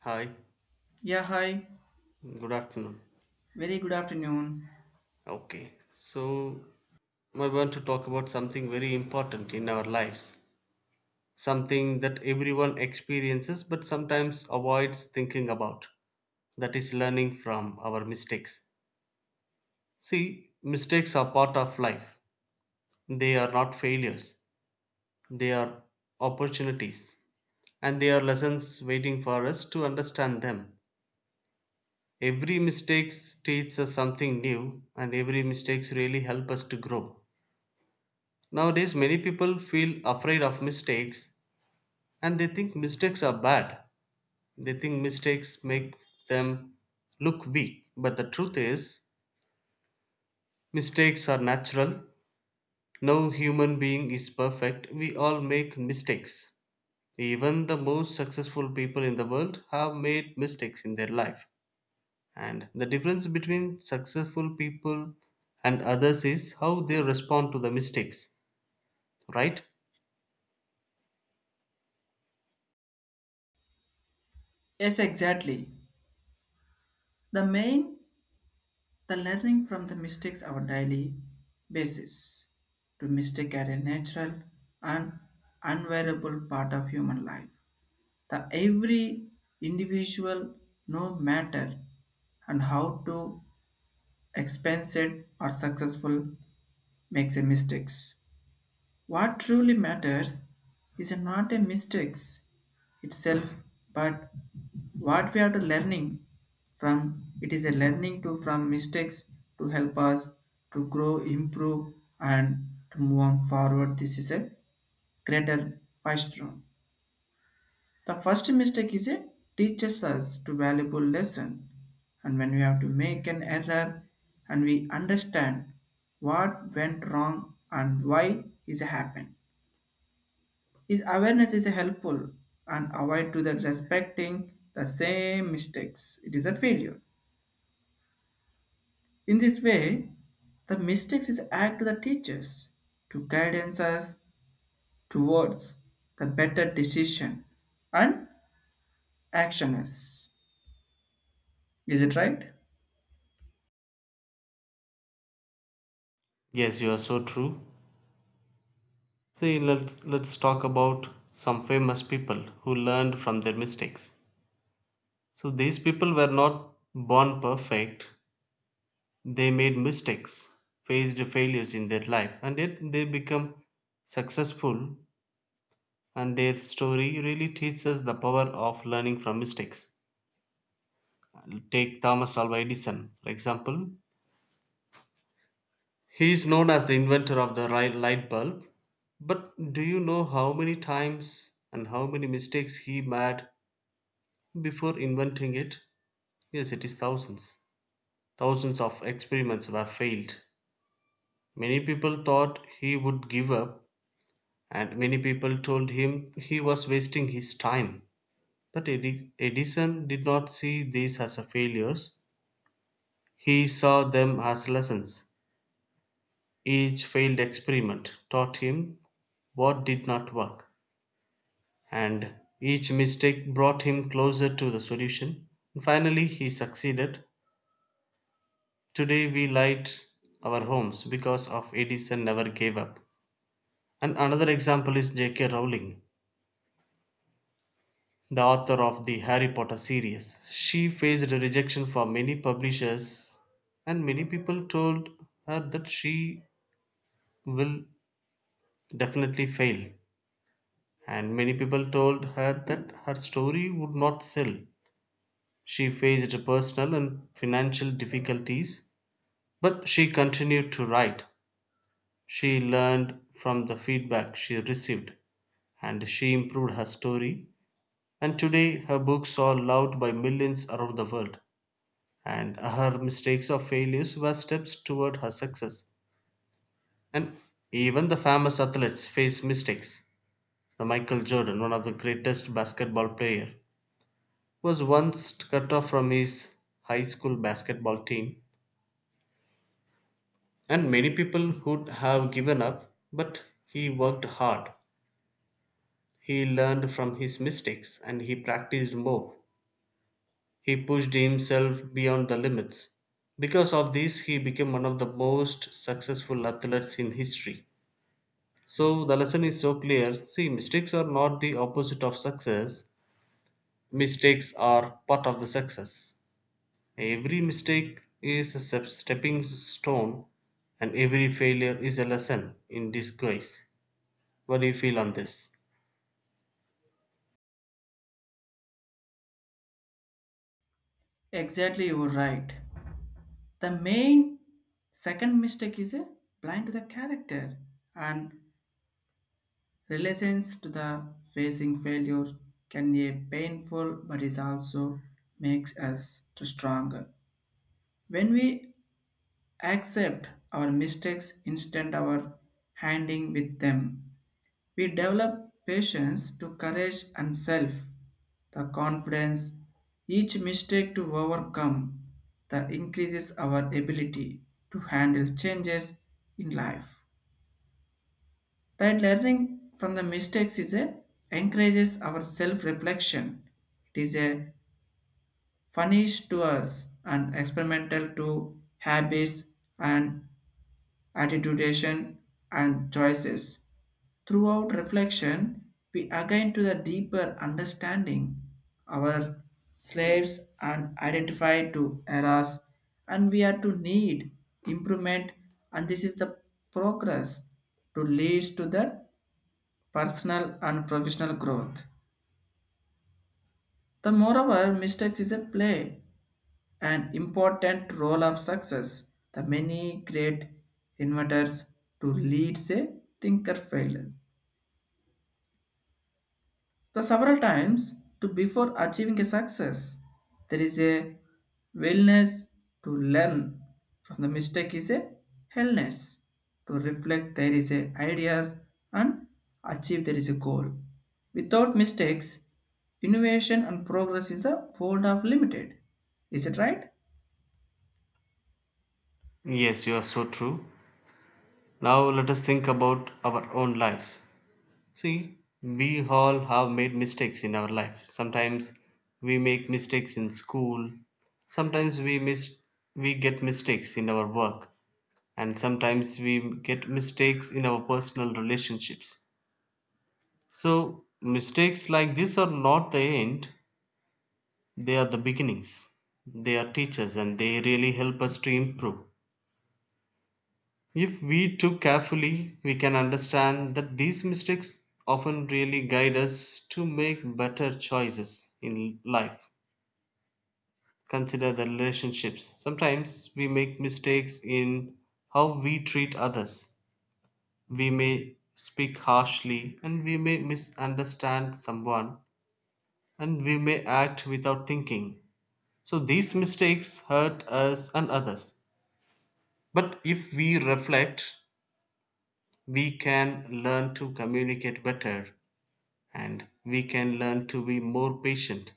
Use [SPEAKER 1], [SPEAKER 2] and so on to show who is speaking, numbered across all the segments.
[SPEAKER 1] Hi,
[SPEAKER 2] Yeah, hi.
[SPEAKER 1] good afternoon.
[SPEAKER 2] Very good afternoon.
[SPEAKER 1] Okay, so I want to talk about something very important in our lives, something that everyone experiences but sometimes avoids thinking about. That is learning from our mistakes. See, mistakes are part of life, they are not failures, they are opportunities, and they are lessons waiting for us to understand them. Every mistake teaches us something new, and every mistake really helps us to grow. Nowadays, many people feel afraid of mistakes and they think mistakes are bad. They think mistakes make them look weak. But the truth is, mistakes are natural. No human being is perfect. We all make mistakes. Even the most successful people in the world have made mistakes in their life. And the difference between successful people and others is how they respond to the mistakes, right?
[SPEAKER 2] Yes, exactly. The main, the learning from the mistakes our daily basis to mistake are a natural and unwearable part of human life. The every individual, no matter and how to expensive or successful makes a mistakes. What truly matters is not a mistakes itself, but what we are to learning from. It is a learning to from mistakes to help us to grow, improve, and to move on forward. This is a greater milestone. The first mistake is a teaches us to valuable lesson, and when we have to make an error, and we understand what went wrong and why is happened his awareness is helpful and avoid to the respecting the same mistakes. It is a failure. In this way, the mistakes is act to the teachers to guidance us towards the better decision and actions. Is it right?
[SPEAKER 1] Yes, you are so true. See, let's talk about some famous people who learned from their mistakes. So, these people were not born perfect, they made mistakes, faced failures in their life, and yet they become successful. And their story really teaches us the power of learning from mistakes. Take Thomas Alva Edison, for example. He is known as the inventor of the light bulb, but do you know how many times and how many mistakes he made before inventing it? Yes, it is thousands. Thousands of experiments were failed. Many people thought he would give up, and many people told him he was wasting his time. But Edison did not see these as a failures, he saw them as lessons. Each failed experiment taught him what did not work, and each mistake brought him closer to the solution. Finally, he succeeded. Today we light our homes because of Edison never gave up. And another example is J.K. Rowling, the author of the Harry Potter series. She faced rejection from many publishers, and many people told her that she will definitely fail. And many people told her that her story would not sell. She faced personal and financial difficulties, but she continued to write. She learned from the feedback she received and she improved her story. And today, her books are loved by millions around the world. And her mistakes or failures were steps toward her success. And even the famous athletes face mistakes. The Michael Jordan, one of the greatest basketball player, was once cut off from his high school basketball team. And many people would have given up, but he worked hard. He learned from his mistakes and he practiced more. He pushed himself beyond the limits. Because of this, he became one of the most successful athletes in history. So, the lesson is so clear. See, mistakes are not the opposite of success, mistakes are part of the success. Every mistake is a stepping stone, and every failure is a lesson in disguise. What do you feel on this?
[SPEAKER 2] Exactly, you were right. The main second mistake is a blind to the character and relations to the facing failure can be painful, but it also makes us to stronger. When we accept our mistakes instead of our handing with them, we develop patience to courage and self, the confidence each mistake to overcome, that increases our ability to handle changes in life. That learning from the mistakes is a encourages our self-reflection. It is a furnish to us and experimental to habits and attitudination and choices. Throughout reflection, we again to the deeper understanding our slaves and identify to errors and we are to need improvement, and this is the progress to leads to the personal and professional growth. The moreover, mistakes is a play an important role of success. The many great inventors to lead a thinker failed. The several times to before achieving a success, there is a willingness to learn from the mistake is a hellness. To reflect there is a ideas and achieve there is a goal. Without mistakes, innovation and progress is the world of limited. Is it right?
[SPEAKER 1] Yes, you are so true. Now, let us think about our own lives. See, we all have made mistakes in our life. Sometimes we make mistakes in school. Sometimes we get mistakes in our work and sometimes we get mistakes in our personal relationships. So, mistakes like this are not the end, they are the beginnings. They are teachers and they really help us to improve. If we took carefully, we can understand that these mistakes often really guide us to make better choices in life. Consider the relationships. Sometimes we make mistakes in how we treat others. We may speak harshly and we may misunderstand someone and we may act without thinking. So these mistakes hurt us and others. But if we reflect, we can learn to communicate better and we can learn to be more patient.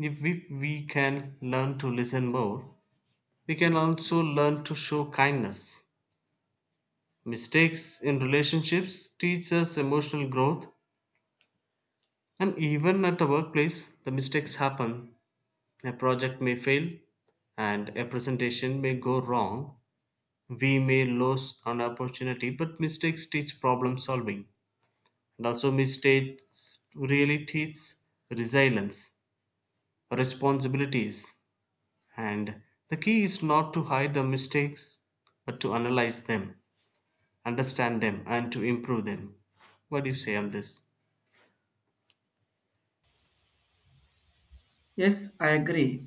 [SPEAKER 1] If we, we can learn to listen more, we can also learn to show kindness. Mistakes in relationships teach us emotional growth, and even at the workplace, the mistakes happen. A project may fail, and a presentation may go wrong. We may lose an opportunity, but mistakes teach problem solving. And also, mistakes really teach resilience, responsibilities, and the key is not to hide the mistakes but to analyze them, understand them, and to improve them. What do you say on this?
[SPEAKER 2] Yes, I agree.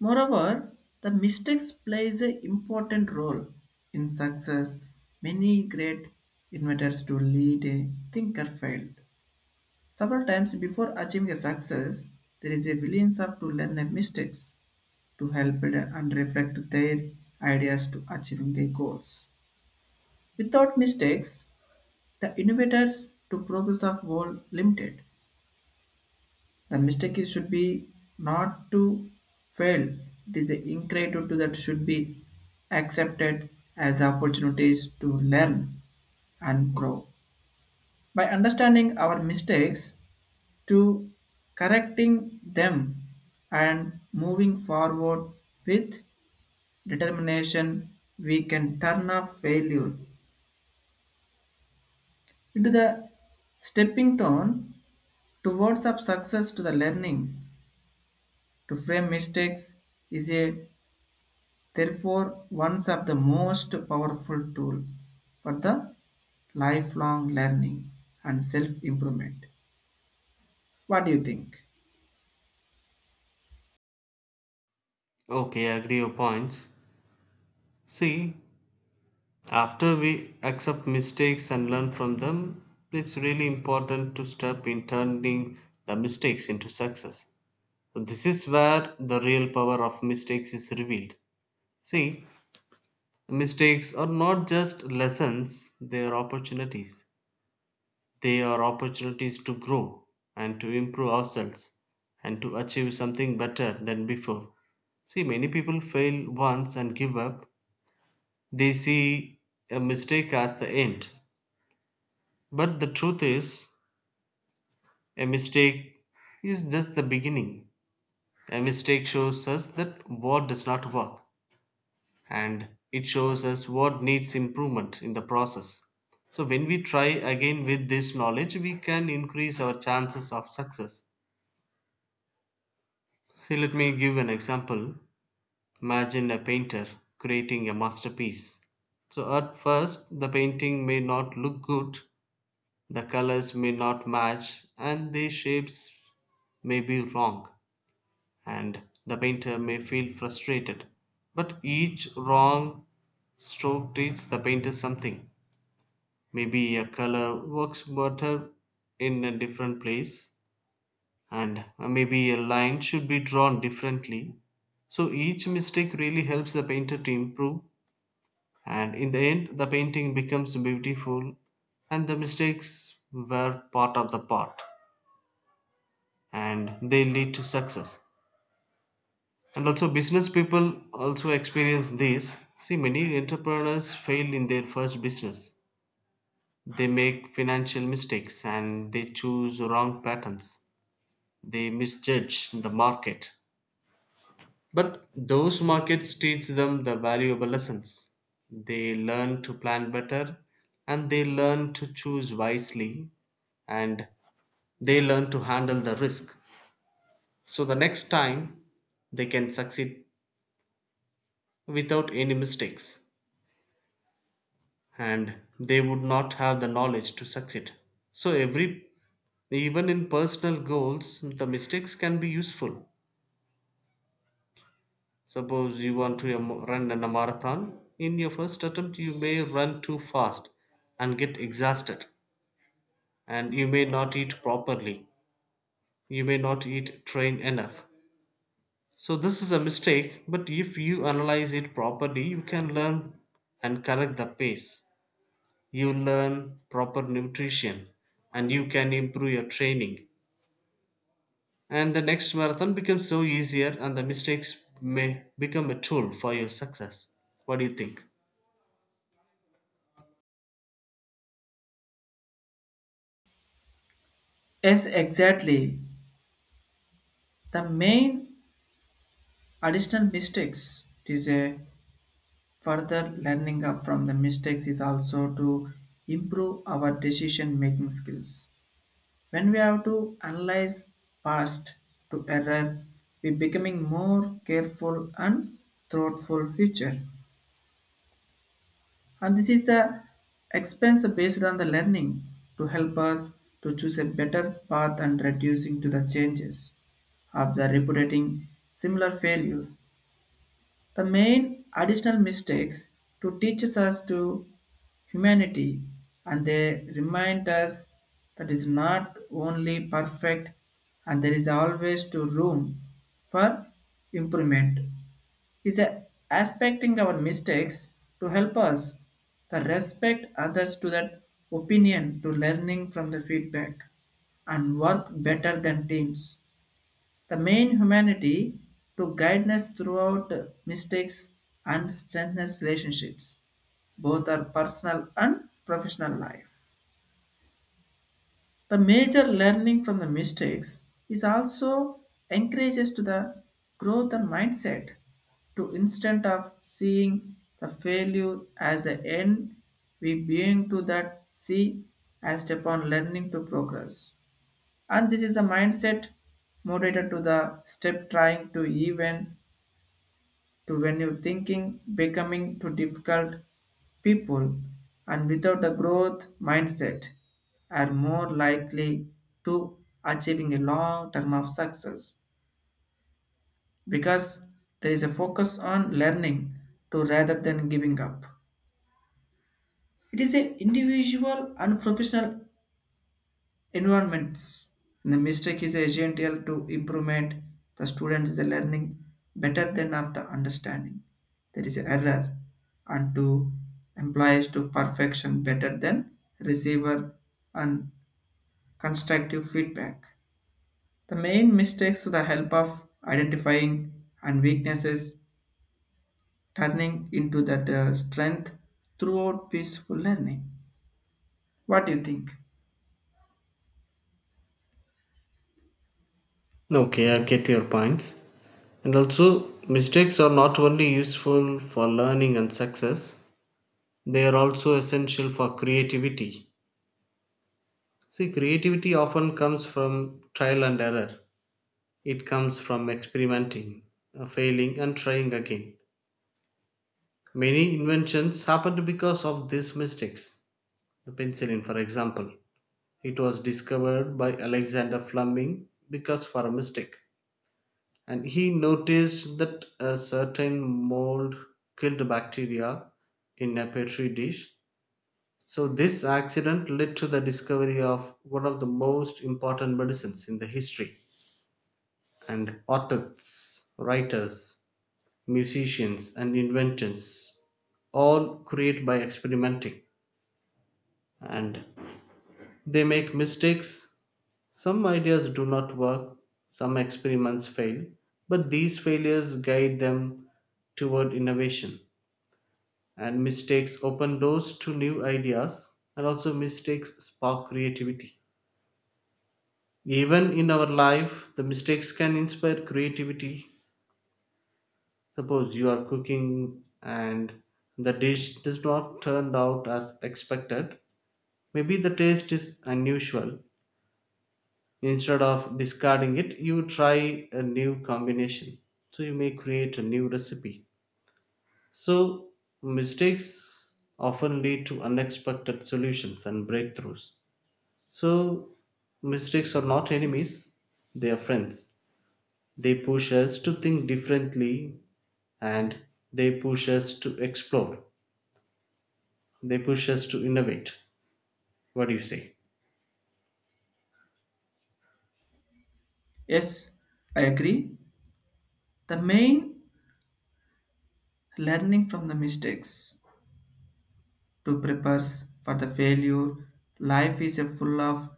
[SPEAKER 2] Moreover, the mistakes plays an important role in success. Many great inventors to lead a thinker failed. Several times before achieving a success, there is a willingness of to learn a mistakes to help it and reflect their ideas to achieving their goals. Without mistakes, the innovators to progress of world limited. The mistake is should be not to fail. It is a ingratitude that should be accepted as opportunities to learn and grow. By understanding our mistakes to correcting them and moving forward with determination, we can turn off failure into the stepping stone towards of success to the learning. To frame mistakes is a therefore, ones of the most powerful tool for the lifelong learning and self-improvement. What do you think?
[SPEAKER 1] Okay, I agree your points. See, after we accept mistakes and learn from them, it's really important to step in turning the mistakes into success. So this is where the real power of mistakes is revealed. See, mistakes are not just lessons, they are opportunities. They are opportunities to grow and to improve ourselves and to achieve something better than before. See, many people fail once and give up. They see a mistake as the end. But the truth is, a mistake is just the beginning. A mistake shows us that what does not work and it shows us what needs improvement in the process. So, when we try again with this knowledge, we can increase our chances of success. See, let me give an example. Imagine a painter creating a masterpiece. So, at first, the painting may not look good, the colors may not match, and the shapes may be wrong, and the painter may feel frustrated. But each wrong stroke teaches the painter something. Maybe a color works better in a different place, and maybe a line should be drawn differently. So each mistake really helps the painter to improve, and in the end, the painting becomes beautiful, and the mistakes were part of the part and they lead to success. And also, business people also experience this. See, many entrepreneurs fail in their first business. They make financial mistakes and they choose wrong patterns. They misjudge the market. But those markets teach them the valuable lessons. They learn to plan better and they learn to choose wisely and they learn to handle the risk. So the next time they can succeed without any mistakes and they would not have the knowledge to succeed. So every even in personal goals the mistakes can be useful. Suppose you want to run in a marathon. In your first attempt, you may run too fast and get exhausted, and you may not eat properly. You may not eat train enough. So, this is a mistake, but if you analyze it properly, you can learn and correct the pace. You learn proper nutrition and you can improve your training. And the next marathon becomes so easier, and the mistakes may become a tool for your success. What do you think?
[SPEAKER 2] Yes, exactly. The main additional mistakes it is a further learning up from the mistakes is also to improve our decision making skills. When we have to analyze past to error, we becoming more careful and thoughtful future. And this is the expense based on the learning to help us to choose a better path and reducing to the changes of the repeating similar failure. The main additional mistakes to teaches us to humanity, and they remind us that is not only perfect and there is always to room for improvement is a aspecting our mistakes to help us to respect others to that opinion to learning from the feedback and work better than teams. The main humanity to guide us throughout mistakes and strengthen relationships, both our personal and professional life. The major learning from the mistakes is also encourages to the growth and mindset to instead of seeing the failure as an end, we being to that see as step on learning to progress. And this is the mindset motivated to the step trying to even to when you thinking becoming too difficult people and without a growth mindset are more likely to achieving a long term of success because there is a focus on learning to rather than giving up it is an individual and professional environments. The mistake is essential to improvement the students is learning better than of the understanding. There is error and to implies to perfection better than receiver and constructive feedback. The main mistakes to the help of identifying and weaknesses turning into that strength throughout peaceful learning. What do you think?
[SPEAKER 1] Okay, I get your points. And also, mistakes are not only useful for learning and success, they are also essential for creativity. See, creativity often comes from trial and error, it comes from experimenting, failing, and trying again. Many inventions happened because of these mistakes. The penicillin, for example, it was discovered by Alexander Fleming because for a mistake. And he noticed that a certain mold killed bacteria in a petri dish. So, this accident led to the discovery of one of the most important medicines in the history. And artists, writers, musicians, and inventors all create by experimenting. And they make mistakes. Some ideas do not work, some experiments fail, but these failures guide them toward innovation. And mistakes open doors to new ideas, and also mistakes spark creativity. Even in our life, the mistakes can inspire creativity. Suppose you are cooking and the dish does not turn out as expected. Maybe the taste is unusual, instead of discarding it you try a new combination. So you may create a new recipe. So mistakes often lead to unexpected solutions and breakthroughs. So mistakes are not enemies, they are friends. They push us to think differently and they push us to explore, they push us to innovate. What do you say?
[SPEAKER 2] Yes, I agree. The main learning from the mistakes to prepare for the failure. Life is a full of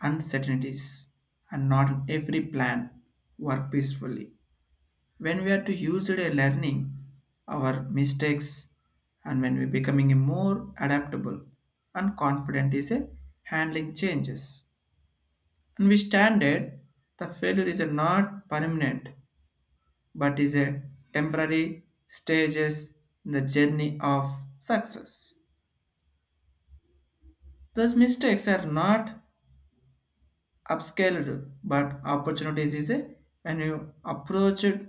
[SPEAKER 2] uncertainties, and not every plan work peacefully. When we are to use it a learning our mistakes, and when we becoming a more adaptable and confident is a handling changes. And we stand it. The failure is a not permanent but is a temporary stages in the journey of success. Those mistakes are not upscaled, but opportunities is a when you approach it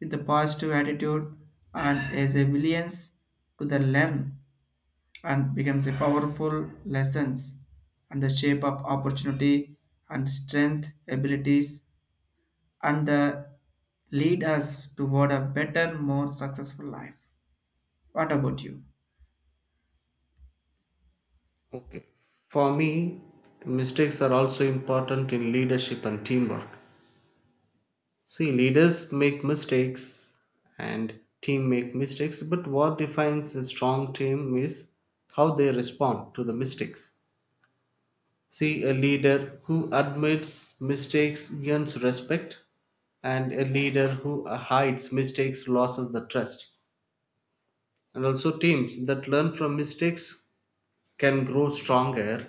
[SPEAKER 2] with a positive attitude and as a willingness to the learn and becomes a powerful lessons and the shape of opportunity and strength abilities and the lead us toward a better, more successful life. What about you?
[SPEAKER 1] Okay, for me mistakes are also important in leadership and teamwork. See, leaders make mistakes and team make mistakes, but what defines a strong team is how they respond to the mistakes. See, a leader who admits mistakes gains respect, and a leader who hides mistakes loses the trust. And also, teams that learn from mistakes can grow stronger,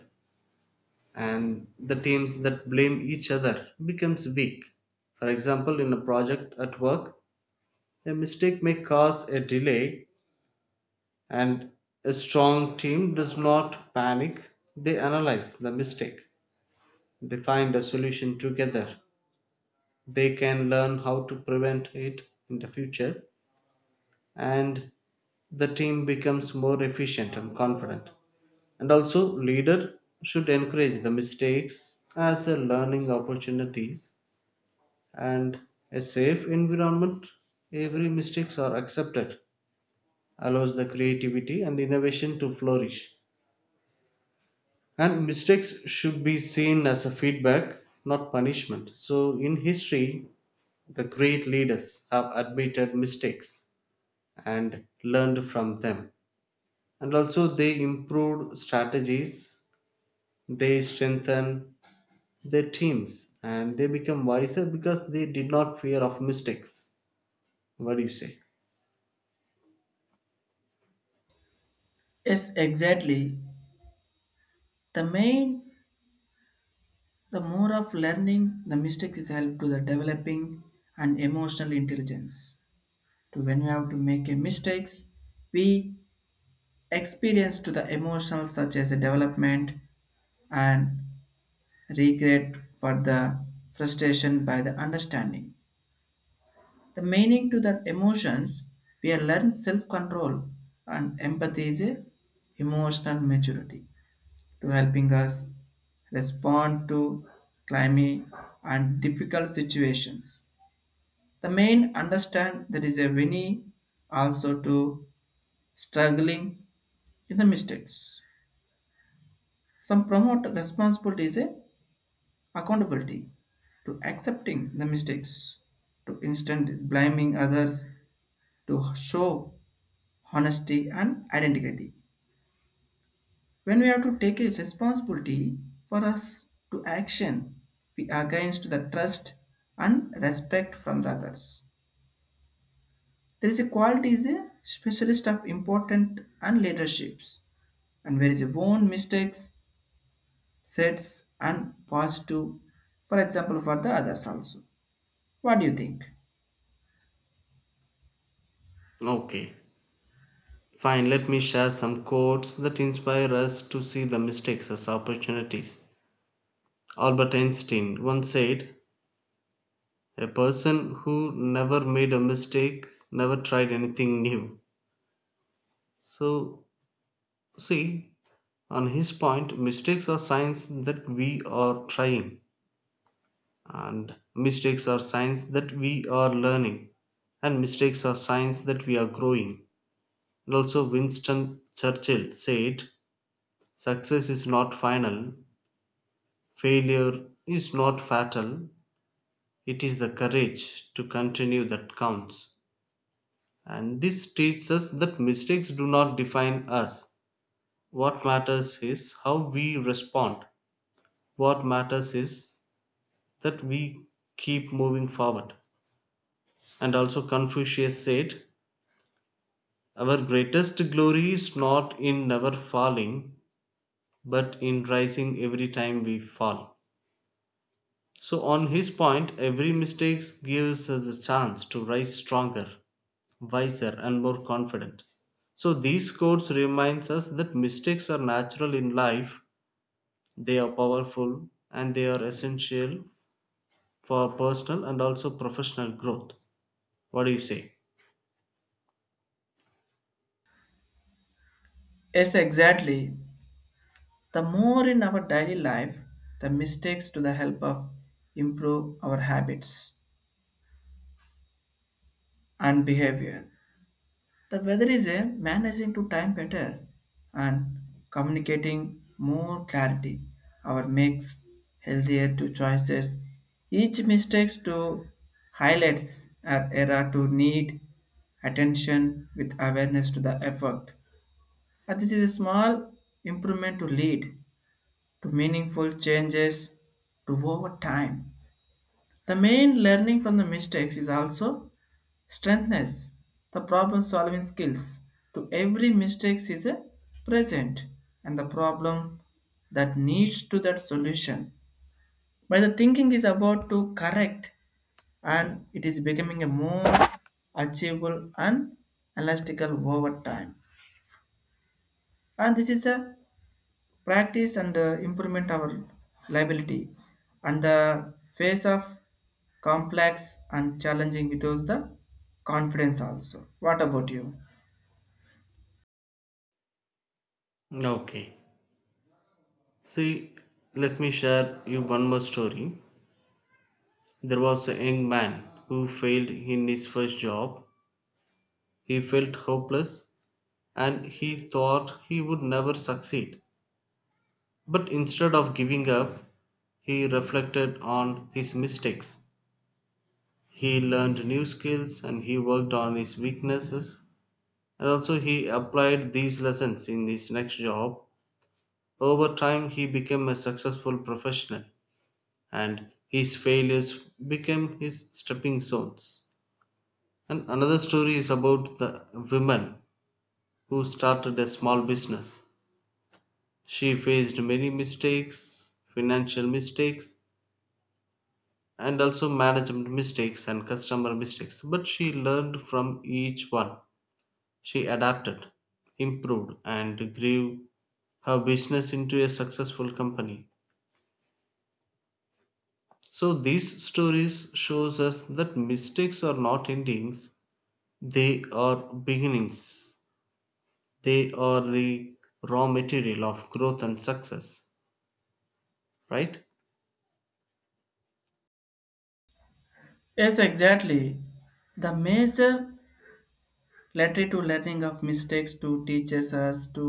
[SPEAKER 1] and the teams that blame each other becomes weak. For example, in a project at work, a mistake may cause a delay, and a strong team does not panic. They analyze the mistake, they find a solution together. They can learn how to prevent it in the future, and the team becomes more efficient and confident. And also, leader should encourage the mistakes as a learning opportunities and a safe environment. Every mistakes are accepted allows the creativity and innovation to flourish. And mistakes should be seen as a feedback, not punishment. So, in history, the great leaders have admitted mistakes and learned from them. And also, they improved strategies, they strengthen their teams, and they become wiser because they did not fear of mistakes. What do you say?
[SPEAKER 2] Yes, exactly. The main the more of learning, the mistakes is help to the developing and emotional intelligence. To when you have to make a mistakes, we experience to the emotional such as a development and regret for the frustration by the understanding. The meaning to that emotions, we are learn self-control and empathy is a emotional maturity to helping us respond to climate and difficult situations. The main understand there is a winning also to struggling in the mistakes. Some promote responsibility is a accountability to accepting the mistakes, to instant is blaming others, to show honesty and identity. When we have to take a responsibility for us to action, we are against the trust and respect from the others. There is a quality is a specialist of important and leaderships and where is your own mistakes, sets and positive, for example, for the others also. What do you think?
[SPEAKER 1] Okay. Fine, let me share some quotes that inspire us to see the mistakes as opportunities. Albert Einstein once said, "A person who never made a mistake never tried anything new." So, see, on his point, mistakes are signs that we are trying, and mistakes are signs that we are learning, and mistakes are signs that we are growing. And also, Winston Churchill said, "Success is not final, failure is not fatal, it is the courage to continue that counts." And this teaches us that mistakes do not define us. What matters is how we respond. What matters is that we keep moving forward. And also, Confucius said, "Our greatest glory is not in never falling, but in rising every time we fall." So, on his point, every mistake gives us the chance to rise stronger, wiser and more confident. So these quotes reminds us that mistakes are natural in life. They are powerful and they are essential for personal and also professional growth. What do you say?
[SPEAKER 2] Yes, exactly. The more in our daily life, the mistakes to the help of improve our habits and behavior. The weather is a managing to time better and communicating more clarity. Our makes healthier to choices. Each mistakes to highlights our error to need attention with awareness to the effort. And this is a small improvement to lead to meaningful changes to over time. The main learning from the mistakes is also strengthness, the problem solving skills to every mistakes is a present and the problem that needs to that solution. By the thinking is about to correct and it is becoming a more achievable and elastical over time. And this is a practice and improvement our liability and the face of complex and challenging with without the confidence also. What about you?
[SPEAKER 1] Okay. See, let me share you one more story. There was a young man who failed in his first job. He felt hopeless and he thought he would never succeed. But instead of giving up, he reflected on his mistakes. He learned new skills and he worked on his weaknesses. And also, he applied these lessons in his next job. Over time, he became a successful professional, and his failures became his stepping stones. And another story is about the woman who started a small business. She faced many mistakes, financial mistakes, and also management mistakes and customer mistakes. But she learned from each one. She adapted, improved, and grew her business into a successful company. So these stories shows us that mistakes are not endings, they are beginnings. They are the raw material of growth and success, right?
[SPEAKER 2] Yes, exactly. The major letter to learning of mistakes to teaches us to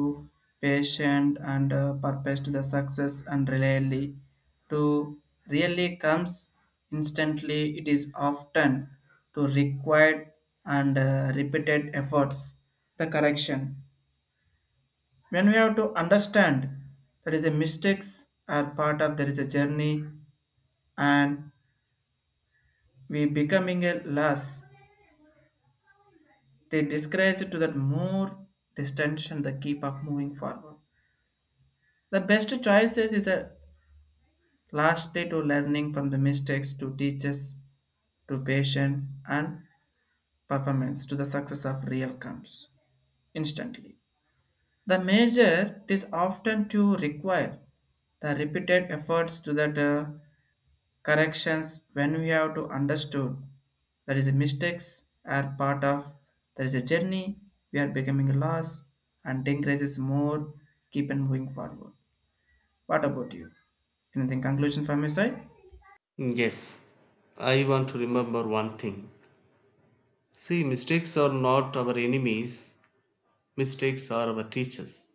[SPEAKER 2] patient and purpose to the success and to really comes instantly. It is often to required and repeated efforts. The correction when we have to understand that is a mistakes are part of there is a journey and we becoming a loss. They disgrace to that more distension the keep of moving forward. The best choices is a last day to learning from the mistakes to teachers to patient and performance to the success of real comes instantly. The major is often to require the repeated efforts to that corrections when we have to understood that is mistakes are part of there is a journey we are becoming lost and encourages more keep and moving forward. What about you? Anything conclusion from your side?
[SPEAKER 1] Yes. I want to remember one thing. See, mistakes are not our enemies. Mistakes are our teachers,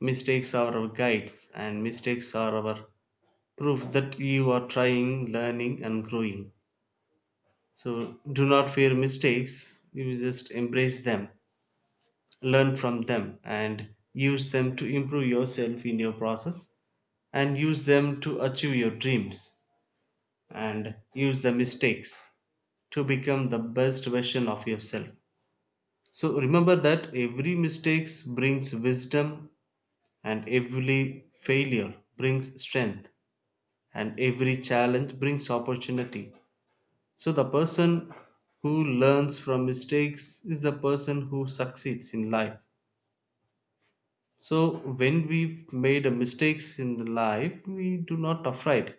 [SPEAKER 1] mistakes are our guides, and mistakes are our proof that you are trying, learning, and growing. So do not fear mistakes, you just embrace them, learn from them, and use them to improve yourself in your process, and use them to achieve your dreams, and use the mistakes to become the best version of yourself. So remember that every mistake brings wisdom, and every failure brings strength, and every challenge brings opportunity. So, the person who learns from mistakes is the person who succeeds in life. So, when we've made a mistakes in the life, we do not afraid.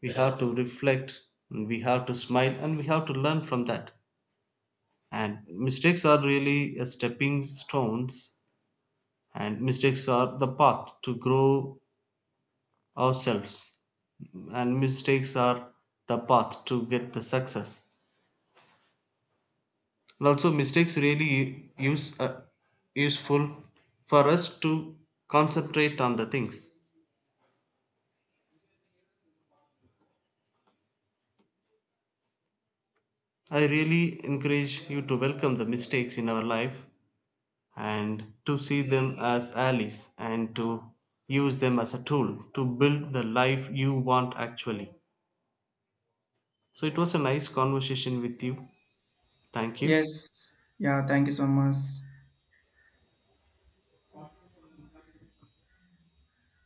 [SPEAKER 1] We have to reflect, and we have to smile, and we have to learn from that. And mistakes are really a stepping stones, and mistakes are the path to grow ourselves, and mistakes are the path to get the success, and also mistakes really use uh, useful for us to concentrate on the things. I really encourage you to welcome the mistakes in our life, and to see them as allies, and to use them as a tool to build the life you want, actually. So it was a nice conversation with you. Thank you.
[SPEAKER 2] Yes, yeah, thank you so much.